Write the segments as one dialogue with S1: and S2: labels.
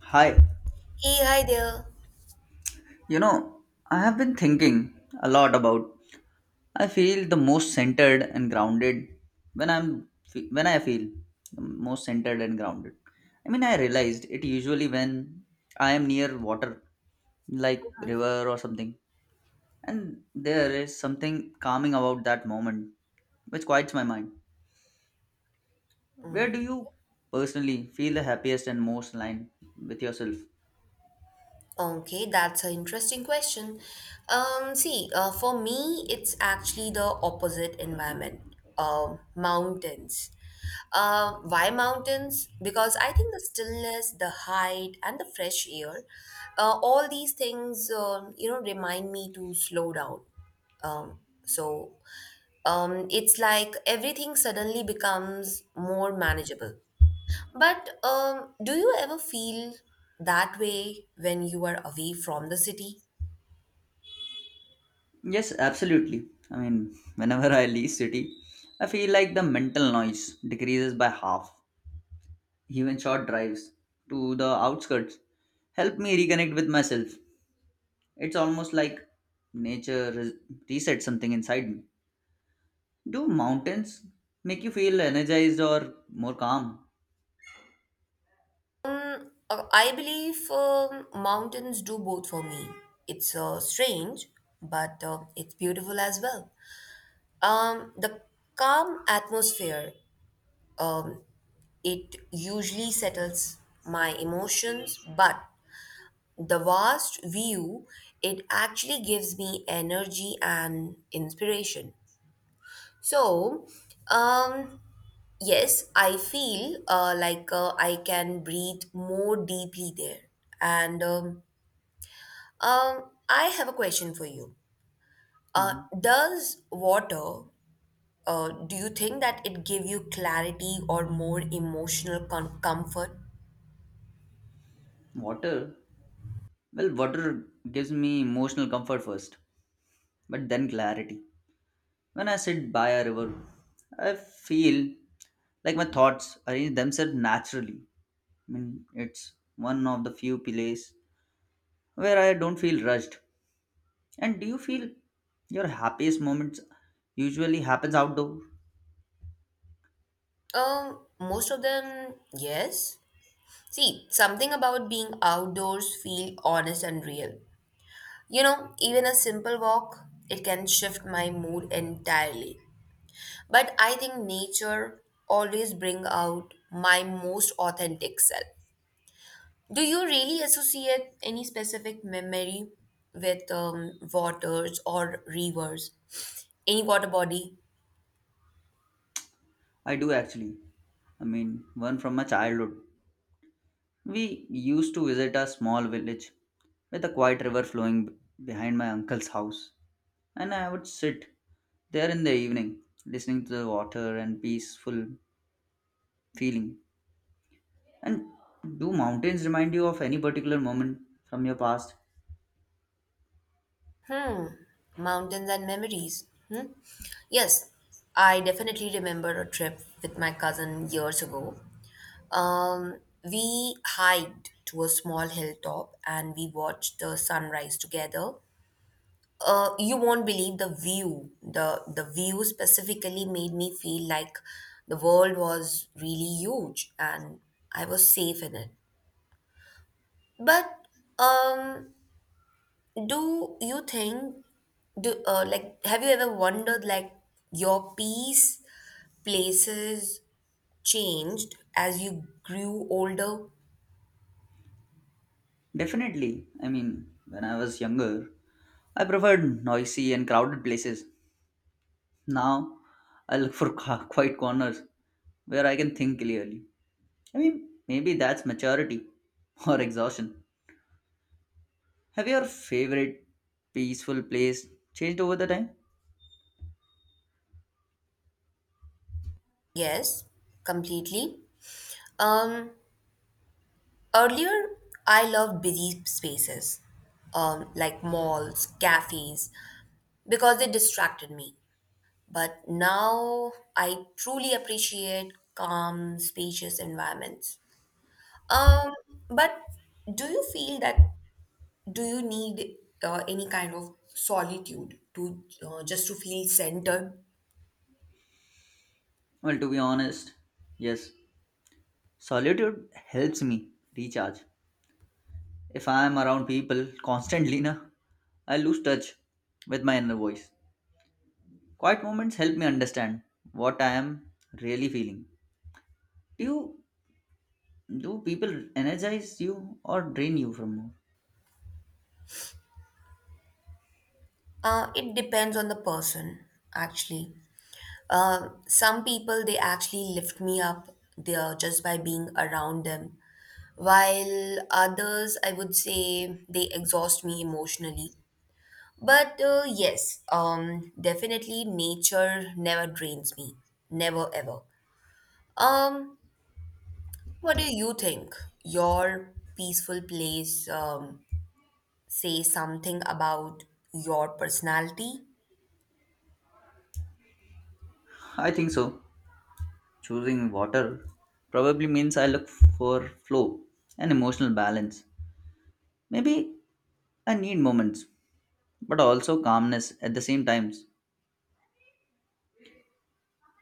S1: Hi,
S2: Hey, hi there.
S1: you know, I have been thinking a lot about. I feel the most centered and grounded when I feel the most centered and grounded. I mean, I realized it usually when I am near water like river or something, and there is something calming about that moment which quiets my mind. Where do you personally feel the happiest and most aligned with yourself?
S2: Okay, that's an interesting question. See, for me, it's actually the opposite environment. Mountains. Why mountains? Because I think the stillness, the height, and the fresh air, all these things, remind me to slow down. Um, so, it's like everything suddenly becomes more manageable. But do you ever feel that way when you are away from the city?
S1: Yes, absolutely. I mean, whenever I leave city, I feel like the mental noise decreases by half. Even short drives to the outskirts help me reconnect with myself. It's almost like nature res- resets something inside me. Do mountains make you feel energized or more calm?
S2: I believe, mountains do both for me. It's strange, but it's beautiful as well. The calm atmosphere, um, it usually settles my emotions, but the vast view, it actually gives me energy and inspiration. So, um, yes, I feel like I can breathe more deeply there. And I have a question for you. Uh,
S1: Mhm.
S2: does water, do you think that it give you clarity or more emotional comfort?
S1: Water? Well, water gives me emotional comfort first, but then clarity. When I sit by a river, I feel like my thoughts arrange themselves naturally. I mean, it's one of the few places where I don't feel rushed. And do you feel your happiest moments usually happens outdoor?
S2: Most of them, yes. See, something about being outdoors feel honest and real. Even a simple walk, it can shift my mood entirely. But I think nature always bring out my most authentic self. Do you really associate any specific memory with, waters or rivers? Any water body?
S1: I do actually. I mean, one from my childhood. We used to visit a small village with a quiet river flowing behind my uncle's house, and I would sit there in the evening, listening to the water and peaceful feeling. And do mountains remind you of any particular moment from your past?
S2: Hmm. Mountains and memories. Hmm. Yes, I definitely remember a trip with my cousin years ago. We hiked to a small hilltop, and we watched the sunrise together. You won't believe the view. The view specifically made me feel like the world was really huge, and I was safe in it. But um, do you think do like have you ever wondered, like your peace places changed as you grew older?
S1: Definitely. I mean, when I was younger, I preferred noisy and crowded places. Now, I look for quiet corners where I can think clearly. I mean, maybe that's maturity or exhaustion. Have your favorite peaceful place changed over the time?
S2: Yes, completely. Um, Earlier, I loved busy spaces, like malls, cafes, because they distracted me. But now I truly appreciate calm, spacious environments. Um, but do you feel that do you need any kind of solitude to feel centered?
S1: Well, to be honest, yes. Solitude helps me recharge. If I am around people constantly, na, I lose touch with my inner voice. Quiet moments help me understand what I am really feeling. Do you do people energize you or drain you from more?
S2: It depends on the person, actually. Some people, they actually lift me up there just by being around them, while others, I would say, they exhaust me emotionally. But yes, definitely nature never drains me, never ever. Um, what do you think? Your peaceful place, say something about your personality?
S1: I think so. Choosing water probably means I look for flow and emotional balance. Maybe I need moments, but also calmness at the same times.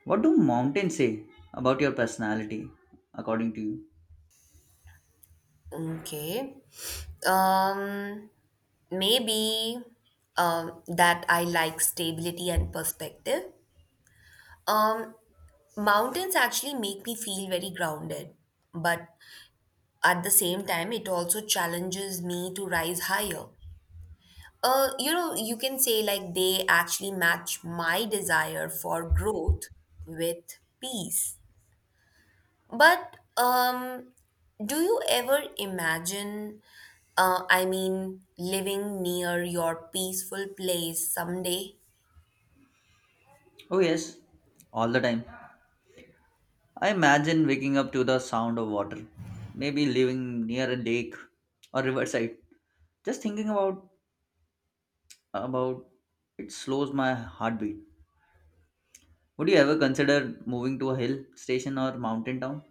S1: What do mountains say about your personality, according to you?
S2: Okay. Um, Maybe, that I like stability and perspective. Um, Mountains actually make me feel very grounded, but at the same time, it also challenges me to rise higher. You can say, like, they actually match my desire for growth with peace. But do you ever imagine, I mean, living near your peaceful place someday?
S1: Oh yes, all the time. I imagine waking up to the sound of water, maybe living near a lake or riverside. Just thinking about it slows my heartbeat. Would you ever consider moving to a hill station or mountain town?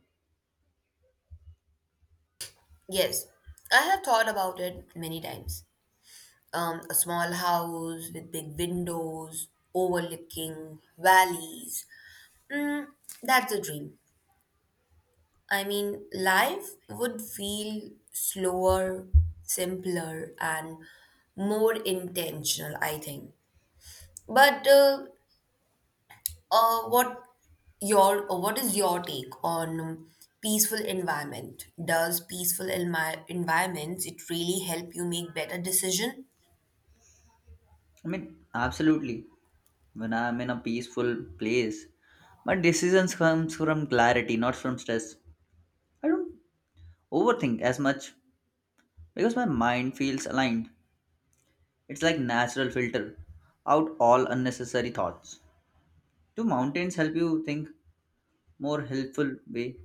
S2: Yes, I have thought about it many times. A small house with big windows, overlooking valleys. Mm, that's a dream. I mean, life would feel slower, simpler, and more intentional, I think. But uh, what what is your take on, peaceful environment? Does peaceful environments it really help you make better decision?
S1: I mean, absolutely. When I am in a peaceful place, my decisions comes from clarity, not from stress. I don't overthink as much because my mind feels aligned. It's like natural filter out all unnecessary thoughts. Do mountains help you think more helpful way?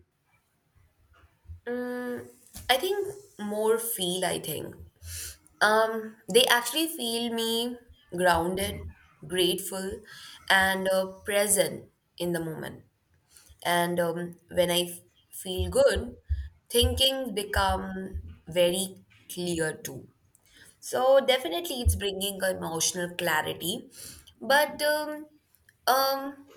S2: Mm, I think more feel. I think, they actually feel me grounded, grateful, and present in the moment. And when I feel good, thinking become very clear too. So definitely, it's bringing emotional clarity. But um,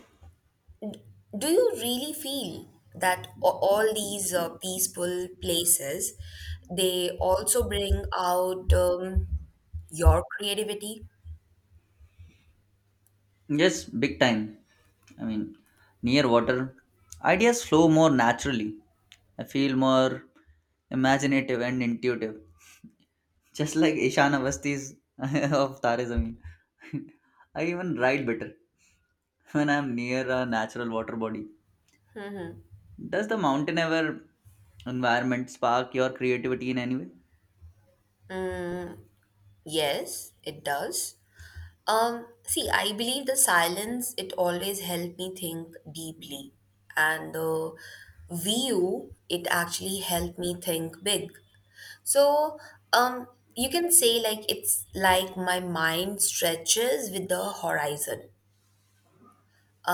S2: do you really feel that all these peaceful places, they also bring out, your creativity?
S1: Yes, big time. I mean, near water, ideas flow more naturally. I feel more imaginative and intuitive, just like Ishan Avastis of Tare Zameen. I even ride better when I'm near a natural water body. Does the mountain ever environment spark your creativity in any way?
S2: Yes, it does. See, I believe the silence, it always helped me think deeply, and the view, it actually helped me think big. So, um, you can say, like, it's like my mind stretches with the horizon.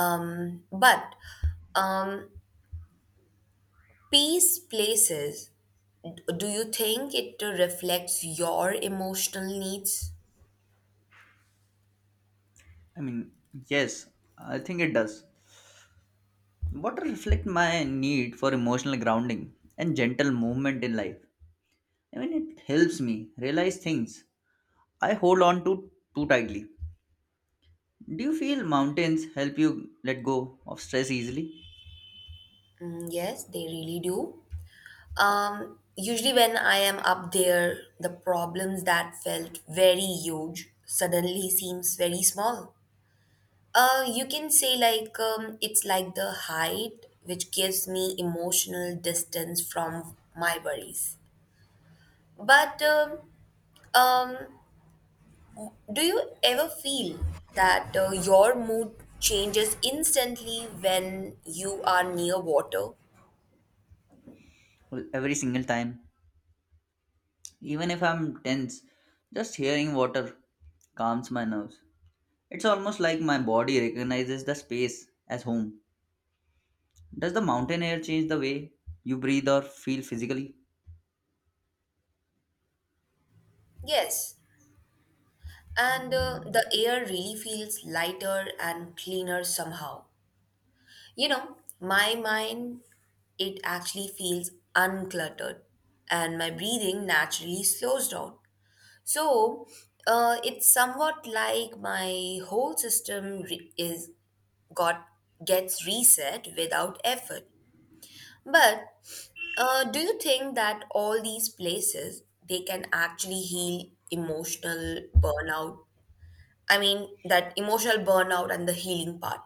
S2: But um, peace places, do you think it reflects your emotional needs?
S1: I mean, yes, I think it does. Water reflects my need for emotional grounding and gentle movement in life. I mean, it helps me realize things I hold on to too tightly. Do you feel mountains help you let go of stress easily?
S2: Yes, they really do. Usually, when I am up there, the problems that felt very huge suddenly seems very small. You can say, like, it's like the height, which gives me emotional distance from my worries. But um, do you ever feel that, your mood changes instantly when you are near water?
S1: Well, every single time, even if I'm tense, just hearing water calms my nerves. It's almost like my body recognizes the space as home. Does the mountain air change the way you breathe or feel physically?
S2: Yes, and the air really feels lighter and cleaner somehow. My mind, it actually feels uncluttered, and my breathing naturally slows down. So it's somewhat like my whole system re- is got gets reset without effort. But do you think that all these places, they can actually heal emotional burnout? I mean, that emotional burnout and the healing part.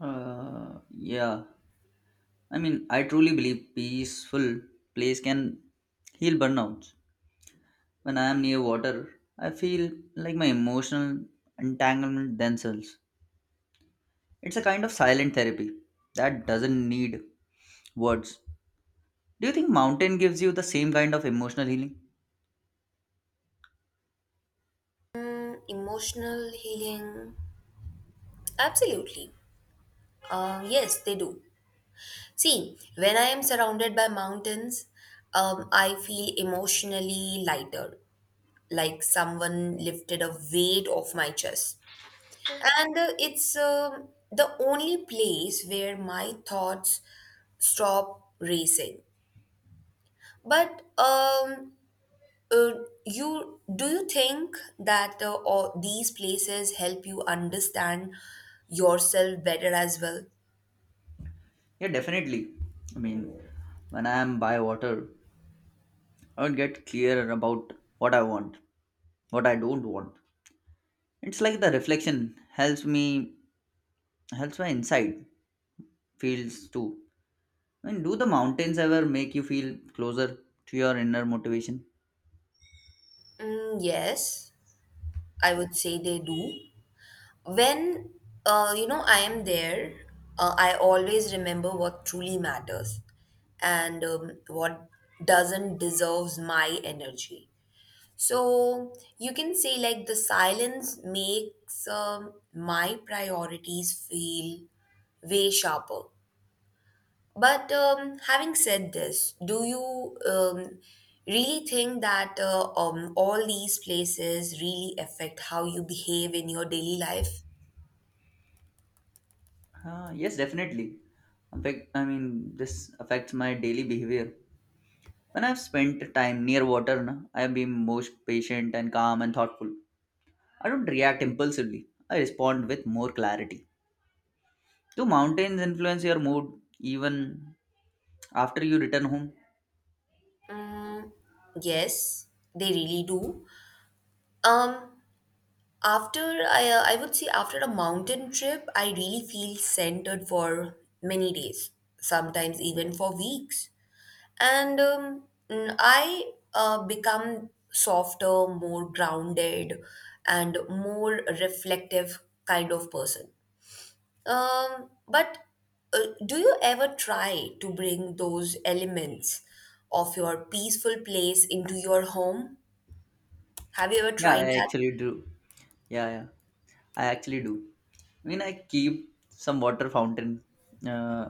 S1: Uh, yeah. I mean, I truly believe peaceful place can heal burnouts. When I am near water, I feel like my emotional entanglement themselves. It's a kind of silent therapy that doesn't need words. Do you think mountain gives you the same kind of emotional healing?
S2: Emotional healing, absolutely. Yes, they do. See, when I am surrounded by mountains, I feel emotionally lighter, like someone lifted a weight off my chest. And it's the only place where my thoughts stop racing. But uh, you do you think that, all these places help you understand yourself better as well?
S1: Yeah, definitely. I mean, when I am by water, I would get clearer about what I want, what I don't want. It's like the reflection helps me, helps my inside feels too. And do the mountains ever make you feel closer to your inner motivation?
S2: Yes, I would say they do. When I am there, I always remember what truly matters, and what doesn't deserves my energy. So you can say, like, the silence makes, my priorities feel way sharper. But having said this, do you, really think that, all these places really affect how you behave in your daily life?
S1: Yes, definitely. In fact, I mean, this affects my daily behavior. When I've spent time near water, na, I've been most patient and calm and thoughtful. I don't react impulsively. I respond with more clarity. Do mountains influence your mood even after you return home?
S2: Yes, they really do. Um, after I would say, after a mountain trip, I really feel centered for many days, sometimes even for weeks. And I, become softer, more grounded, and more reflective kind of person. But do you ever try to bring those elements of your peaceful place into your home? Have you ever
S1: Yeah,
S2: tried
S1: I
S2: that?
S1: actually do. Yeah, yeah, I actually do. I mean, I keep some water fountain. Uh,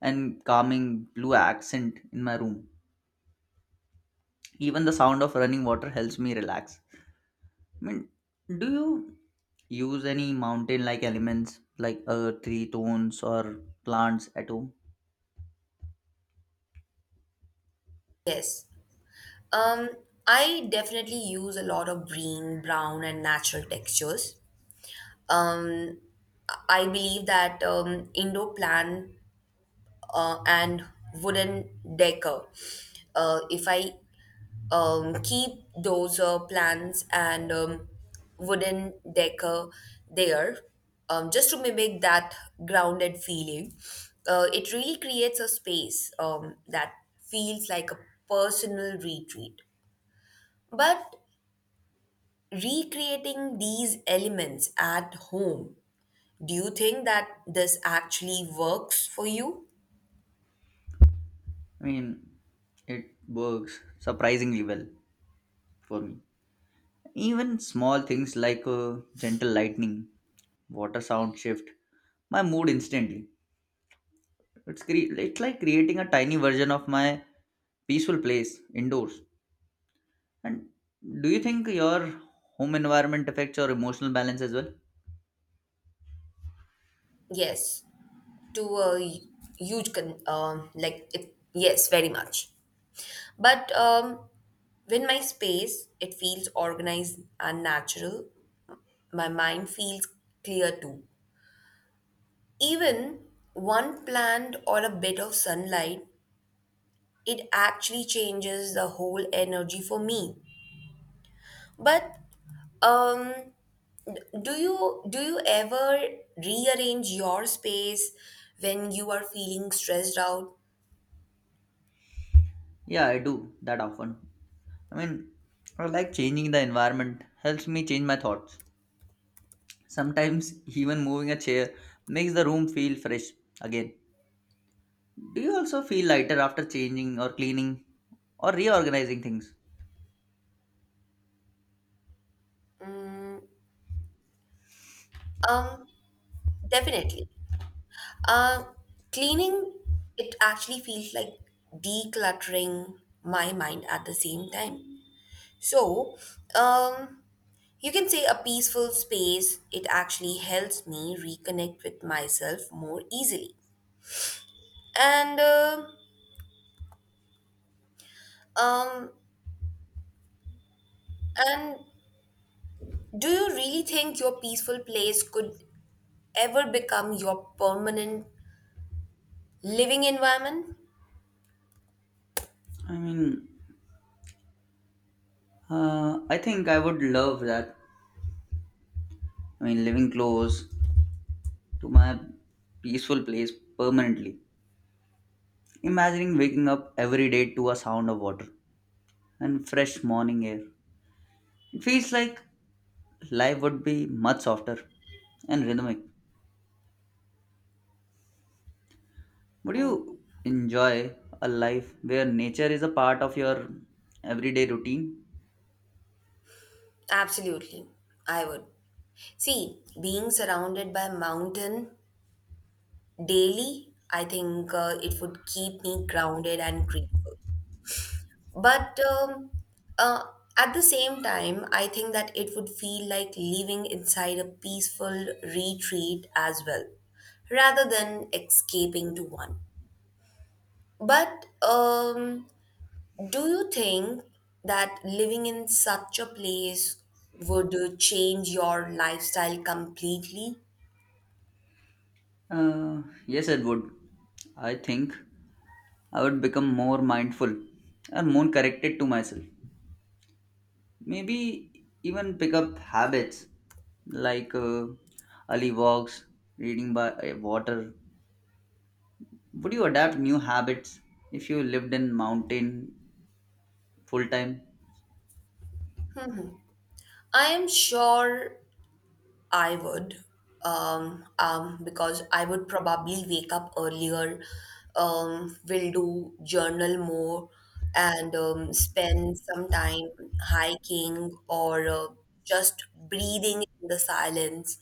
S1: and calming blue accent in my room. Even the sound of running water helps me relax. I mean, do you use any mountain like elements like earth, tree tones, or plants at home?
S2: Yes. Um, I definitely use a lot of green, brown, and natural textures. Um, I believe that, indoor plant and wooden decor. If I, keep those plants and, wooden decor there, just to mimic that grounded feeling. It really creates a space, that feels like a personal retreat. But recreating these elements at home, do you think that this actually works for you?
S1: I mean, it works surprisingly well for me. Even small things like gentle lightning, water sound shift my mood instantly. It's like creating a tiny version of my peaceful place indoors. And do you think your home environment affects your emotional balance as well?
S2: Yes, to a huge con- like it, yes, very much. But when my space, it feels organized and natural. My mind feels clear too. Even one plant or a bit of sunlight, it actually changes the whole energy for me. But um, do you ever rearrange your space when you are feeling stressed out?
S1: Yeah, I do that often. I mean, I like changing the environment helps me change my thoughts. Sometimes even moving a chair makes the room feel fresh again. Do you also feel lighter after changing or cleaning or reorganizing things?
S2: Um, Definitely. Uh, Cleaning, it actually feels like decluttering my mind at the same time. So, um, you can say a peaceful space, it actually helps me reconnect with myself more easily. And, uh, um, and do you really think your peaceful place could ever become your permanent living environment?
S1: I mean, I think I would love that. I mean, living close to my peaceful place permanently. Imagining waking up every day to a sound of water and fresh morning air. It feels like life would be much softer and rhythmic. Would you enjoy a life where nature is a part of your everyday routine?
S2: Absolutely, I would. See, being surrounded by mountain daily, I think it would keep me grounded and grateful. But uh, at the same time, I think that it would feel like living inside a peaceful retreat as well, rather than escaping to one. But do you think that living in such a place would, change your lifestyle completely?
S1: Uh, yes, it would. I think I would become more mindful and more connected to myself. Maybe even pick up habits like early walks, reading by water. Would you adapt new habits if you lived in mountain full time?
S2: I am sure I would, because I would probably wake up earlier, will do journal more, and spend some time hiking or just breathing in the silence.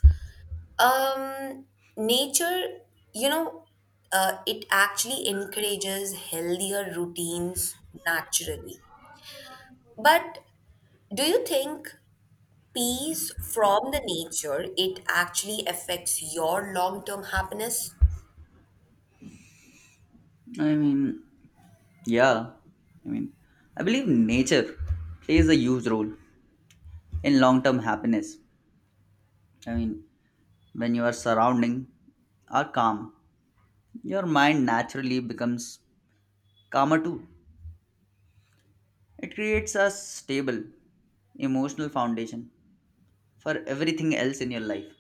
S2: Um, Nature, you know, it actually encourages healthier routines naturally. But do you think peace from the nature, it actually affects your long term happiness?
S1: I mean, yeah. I mean, I believe nature plays a huge role in long term happiness. I mean, when your surrounding are calm, your mind naturally becomes calmer too. It creates a stable emotional foundation for everything else in your life.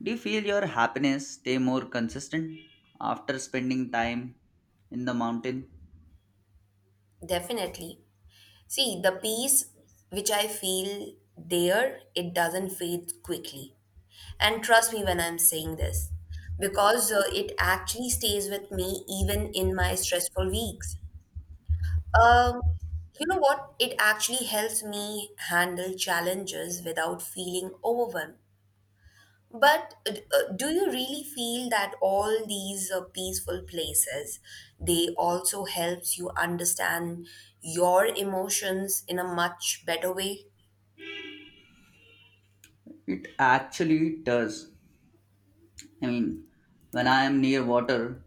S1: Do you feel your happiness stay more consistent after spending time in the mountain?
S2: Definitely. See, the peace which I feel there, it doesn't fade quickly. And trust me when I'm saying this, because it actually stays with me even in my stressful weeks. Um, you know what? It actually helps me handle challenges without feeling overwhelmed. But do you really feel that all these peaceful places, they also helps you understand your emotions in a much better way?
S1: It actually does. I mean, when I am near water,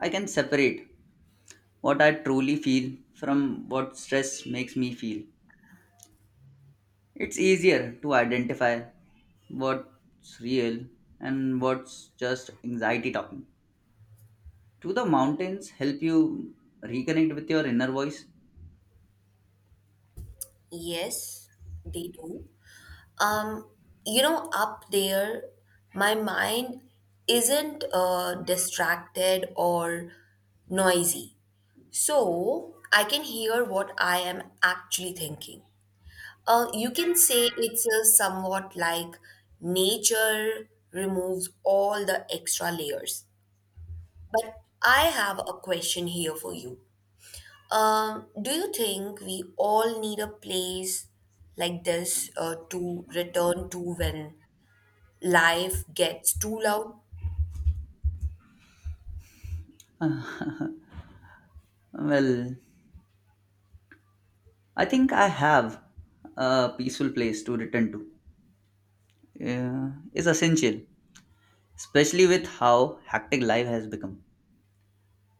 S1: I can separate what I truly feel from what stress makes me feel. It's easier to identify what's real and what's just anxiety talking. Do the mountains help you reconnect with your inner voice?
S2: Yes, they do. Um, up there, my mind isn't distracted or noisy, so I can hear what I am actually thinking. You can say it's a somewhat like nature removes all the extra layers. But I have a question here for you. Do you think we all need a place like this, to return to when life gets too loud?
S1: Well, I think I have a peaceful place to return to. Is essential, especially with how hectic life has become.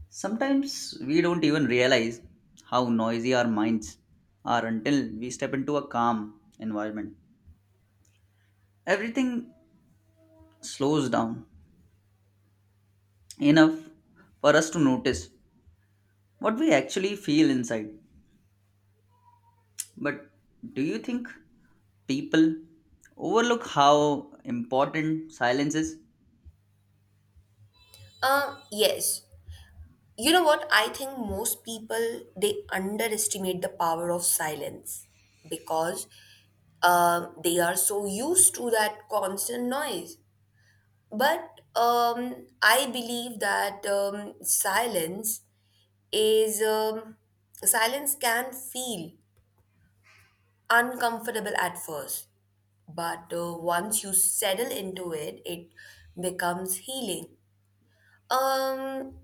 S1: Sometimes we don't even realize how noisy our minds are until we step into a calm environment. Everything slows down enough for us to notice what we actually feel inside. But do you think people overlook how important silence is?
S2: Yes. You know what? I think most people, they underestimate the power of silence because, they are so used to that constant noise. But I believe that, is um, silence can feel uncomfortable at first, but once you settle into it, it becomes healing. Um,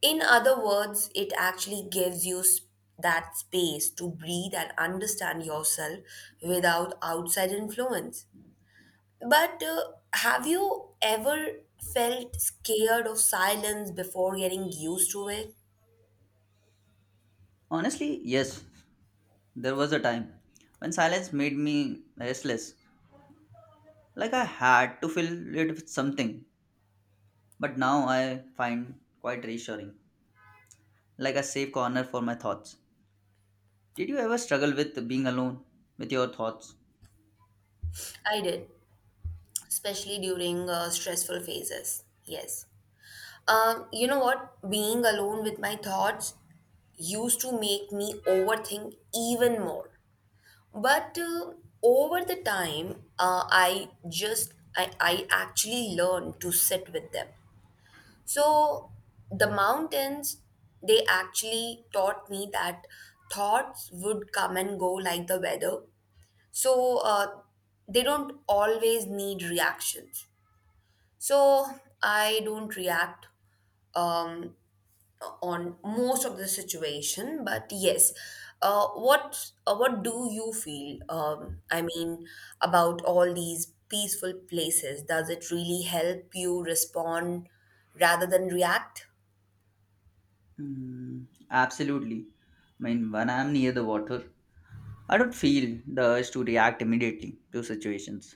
S2: In other words, it actually gives you that space to breathe and understand yourself without outside influence. But have you ever felt scared of silence before getting used to it?
S1: Honestly, yes. There was a time when silence made me restless, like I had to fill it with something. But now I find quite reassuring, like a safe corner for my thoughts. Did you ever struggle with being alone with your thoughts?
S2: I did, especially during stressful phases. Yes. You know what? Being alone with my thoughts used to make me overthink even more. But over the time, I actually learned to sit with them. So the mountains, they actually taught me that thoughts would come and go like the weather. So they don't always need reactions. So I don't react, Um, on most of the situation. But yes, what do you feel, I mean about all these peaceful places, does it really help you respond rather than react?
S1: Mm, absolutely. I mean, when I'm near the water, I don't feel the urge to react immediately to situations.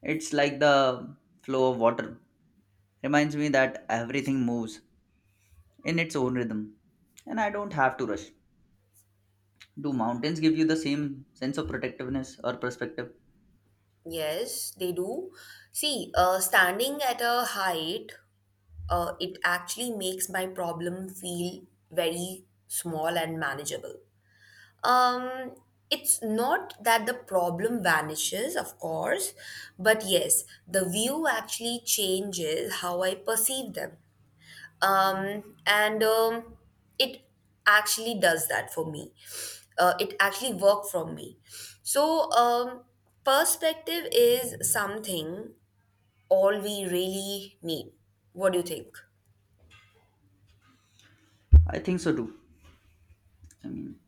S1: It's like the flow of water reminds me that everything moves in its own rhythm and I don't have to rush. Do mountains give you the same sense of protectiveness or perspective?
S2: Yes, they do. See, standing at a height, it actually makes my problem feel very small and manageable. Um, it's not that the problem vanishes, of course, but yes, the view actually changes how I perceive them. And it actually does that for me. It actually worked from me. So, perspective is something all we really need. What do you think?
S1: I think so too. I mean,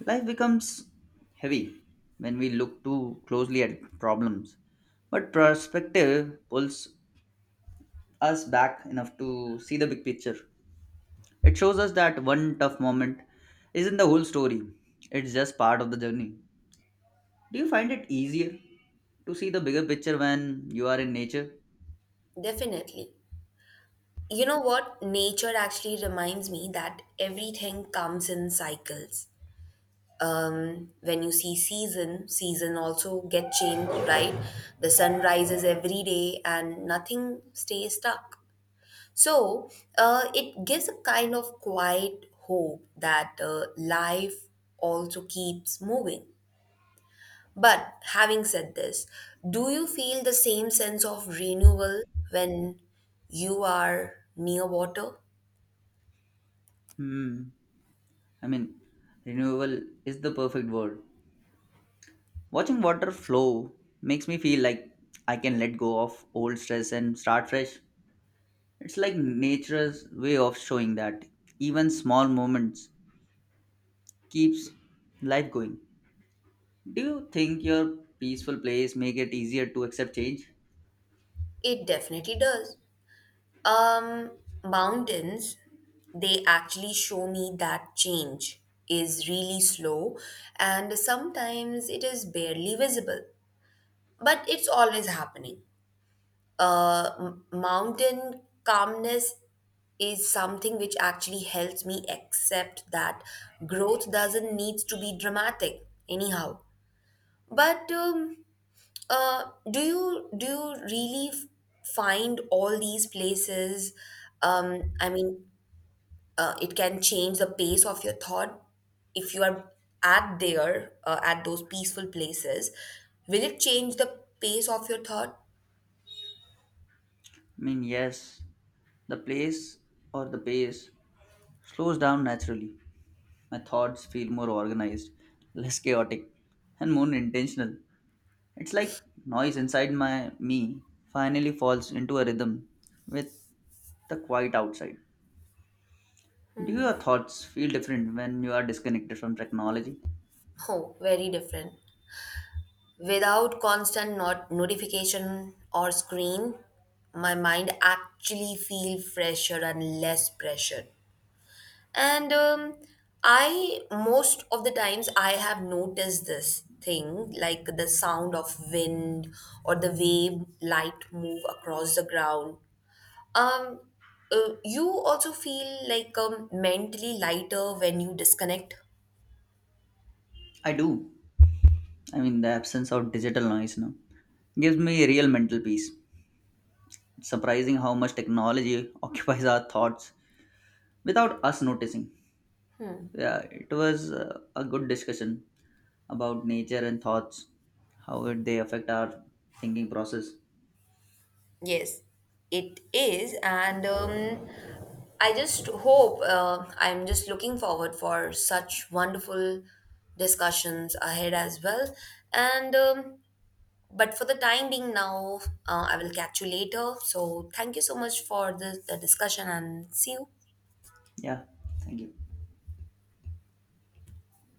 S1: life becomes heavy when we look too closely at problems, but perspective pulls us back enough to see the big picture. It shows us that one tough moment isn't the whole story, it's just part of the journey. Do you find it easier to see the bigger picture when you are in nature?
S2: Definitely. You know what? Nature actually reminds me that everything comes in cycles. When you see, season also get changed, right? The sun rises every day, and nothing stays stuck. So it gives a kind of quiet hope that, life also keeps moving. But having said this, do you feel the same sense of renewal when you are near water?
S1: Hmm. I mean, renewable is the perfect word. Watching water flow makes me feel like I can let go of old stress and start fresh. It's like nature's way of showing that even small moments keeps life going. Do you think your peaceful place make it easier to accept change?
S2: It definitely does. Um, Mountains, they actually show me that change is really slow, and sometimes it is barely visible, but it's always happening. Mountain calmness is something which actually helps me accept that growth doesn't need to be dramatic anyhow. But do you really find all these places? I mean, it can change the pace of your thought if you are at those peaceful places. Will it change the pace of your thought?
S1: I mean, yes, the place or the pace slows down naturally. My thoughts feel more organized, less chaotic, and more intentional. It's like noise inside my me finally falls into a rhythm with the quiet outside. Do your thoughts feel different when you are disconnected from technology?
S2: Oh, very different. Without constant not notification or screen, my mind actually feel fresher and less pressured. And I, most of the times, I have noticed this thing, like the sound of wind or the way light move across the ground. Um, you also feel like, mentally lighter when you disconnect.
S1: I do. I mean, the absence of digital noise now gives me real mental peace. It's surprising how much technology occupies our thoughts without us noticing. Yeah, it was a good discussion about nature and thoughts, how would they affect our thinking process.
S2: Yes, it is, and I'm just looking forward for such wonderful discussions ahead as well. And but for the time being, now I will catch you later. So thank you so much for the discussion, and see you.
S1: Yeah, thank you.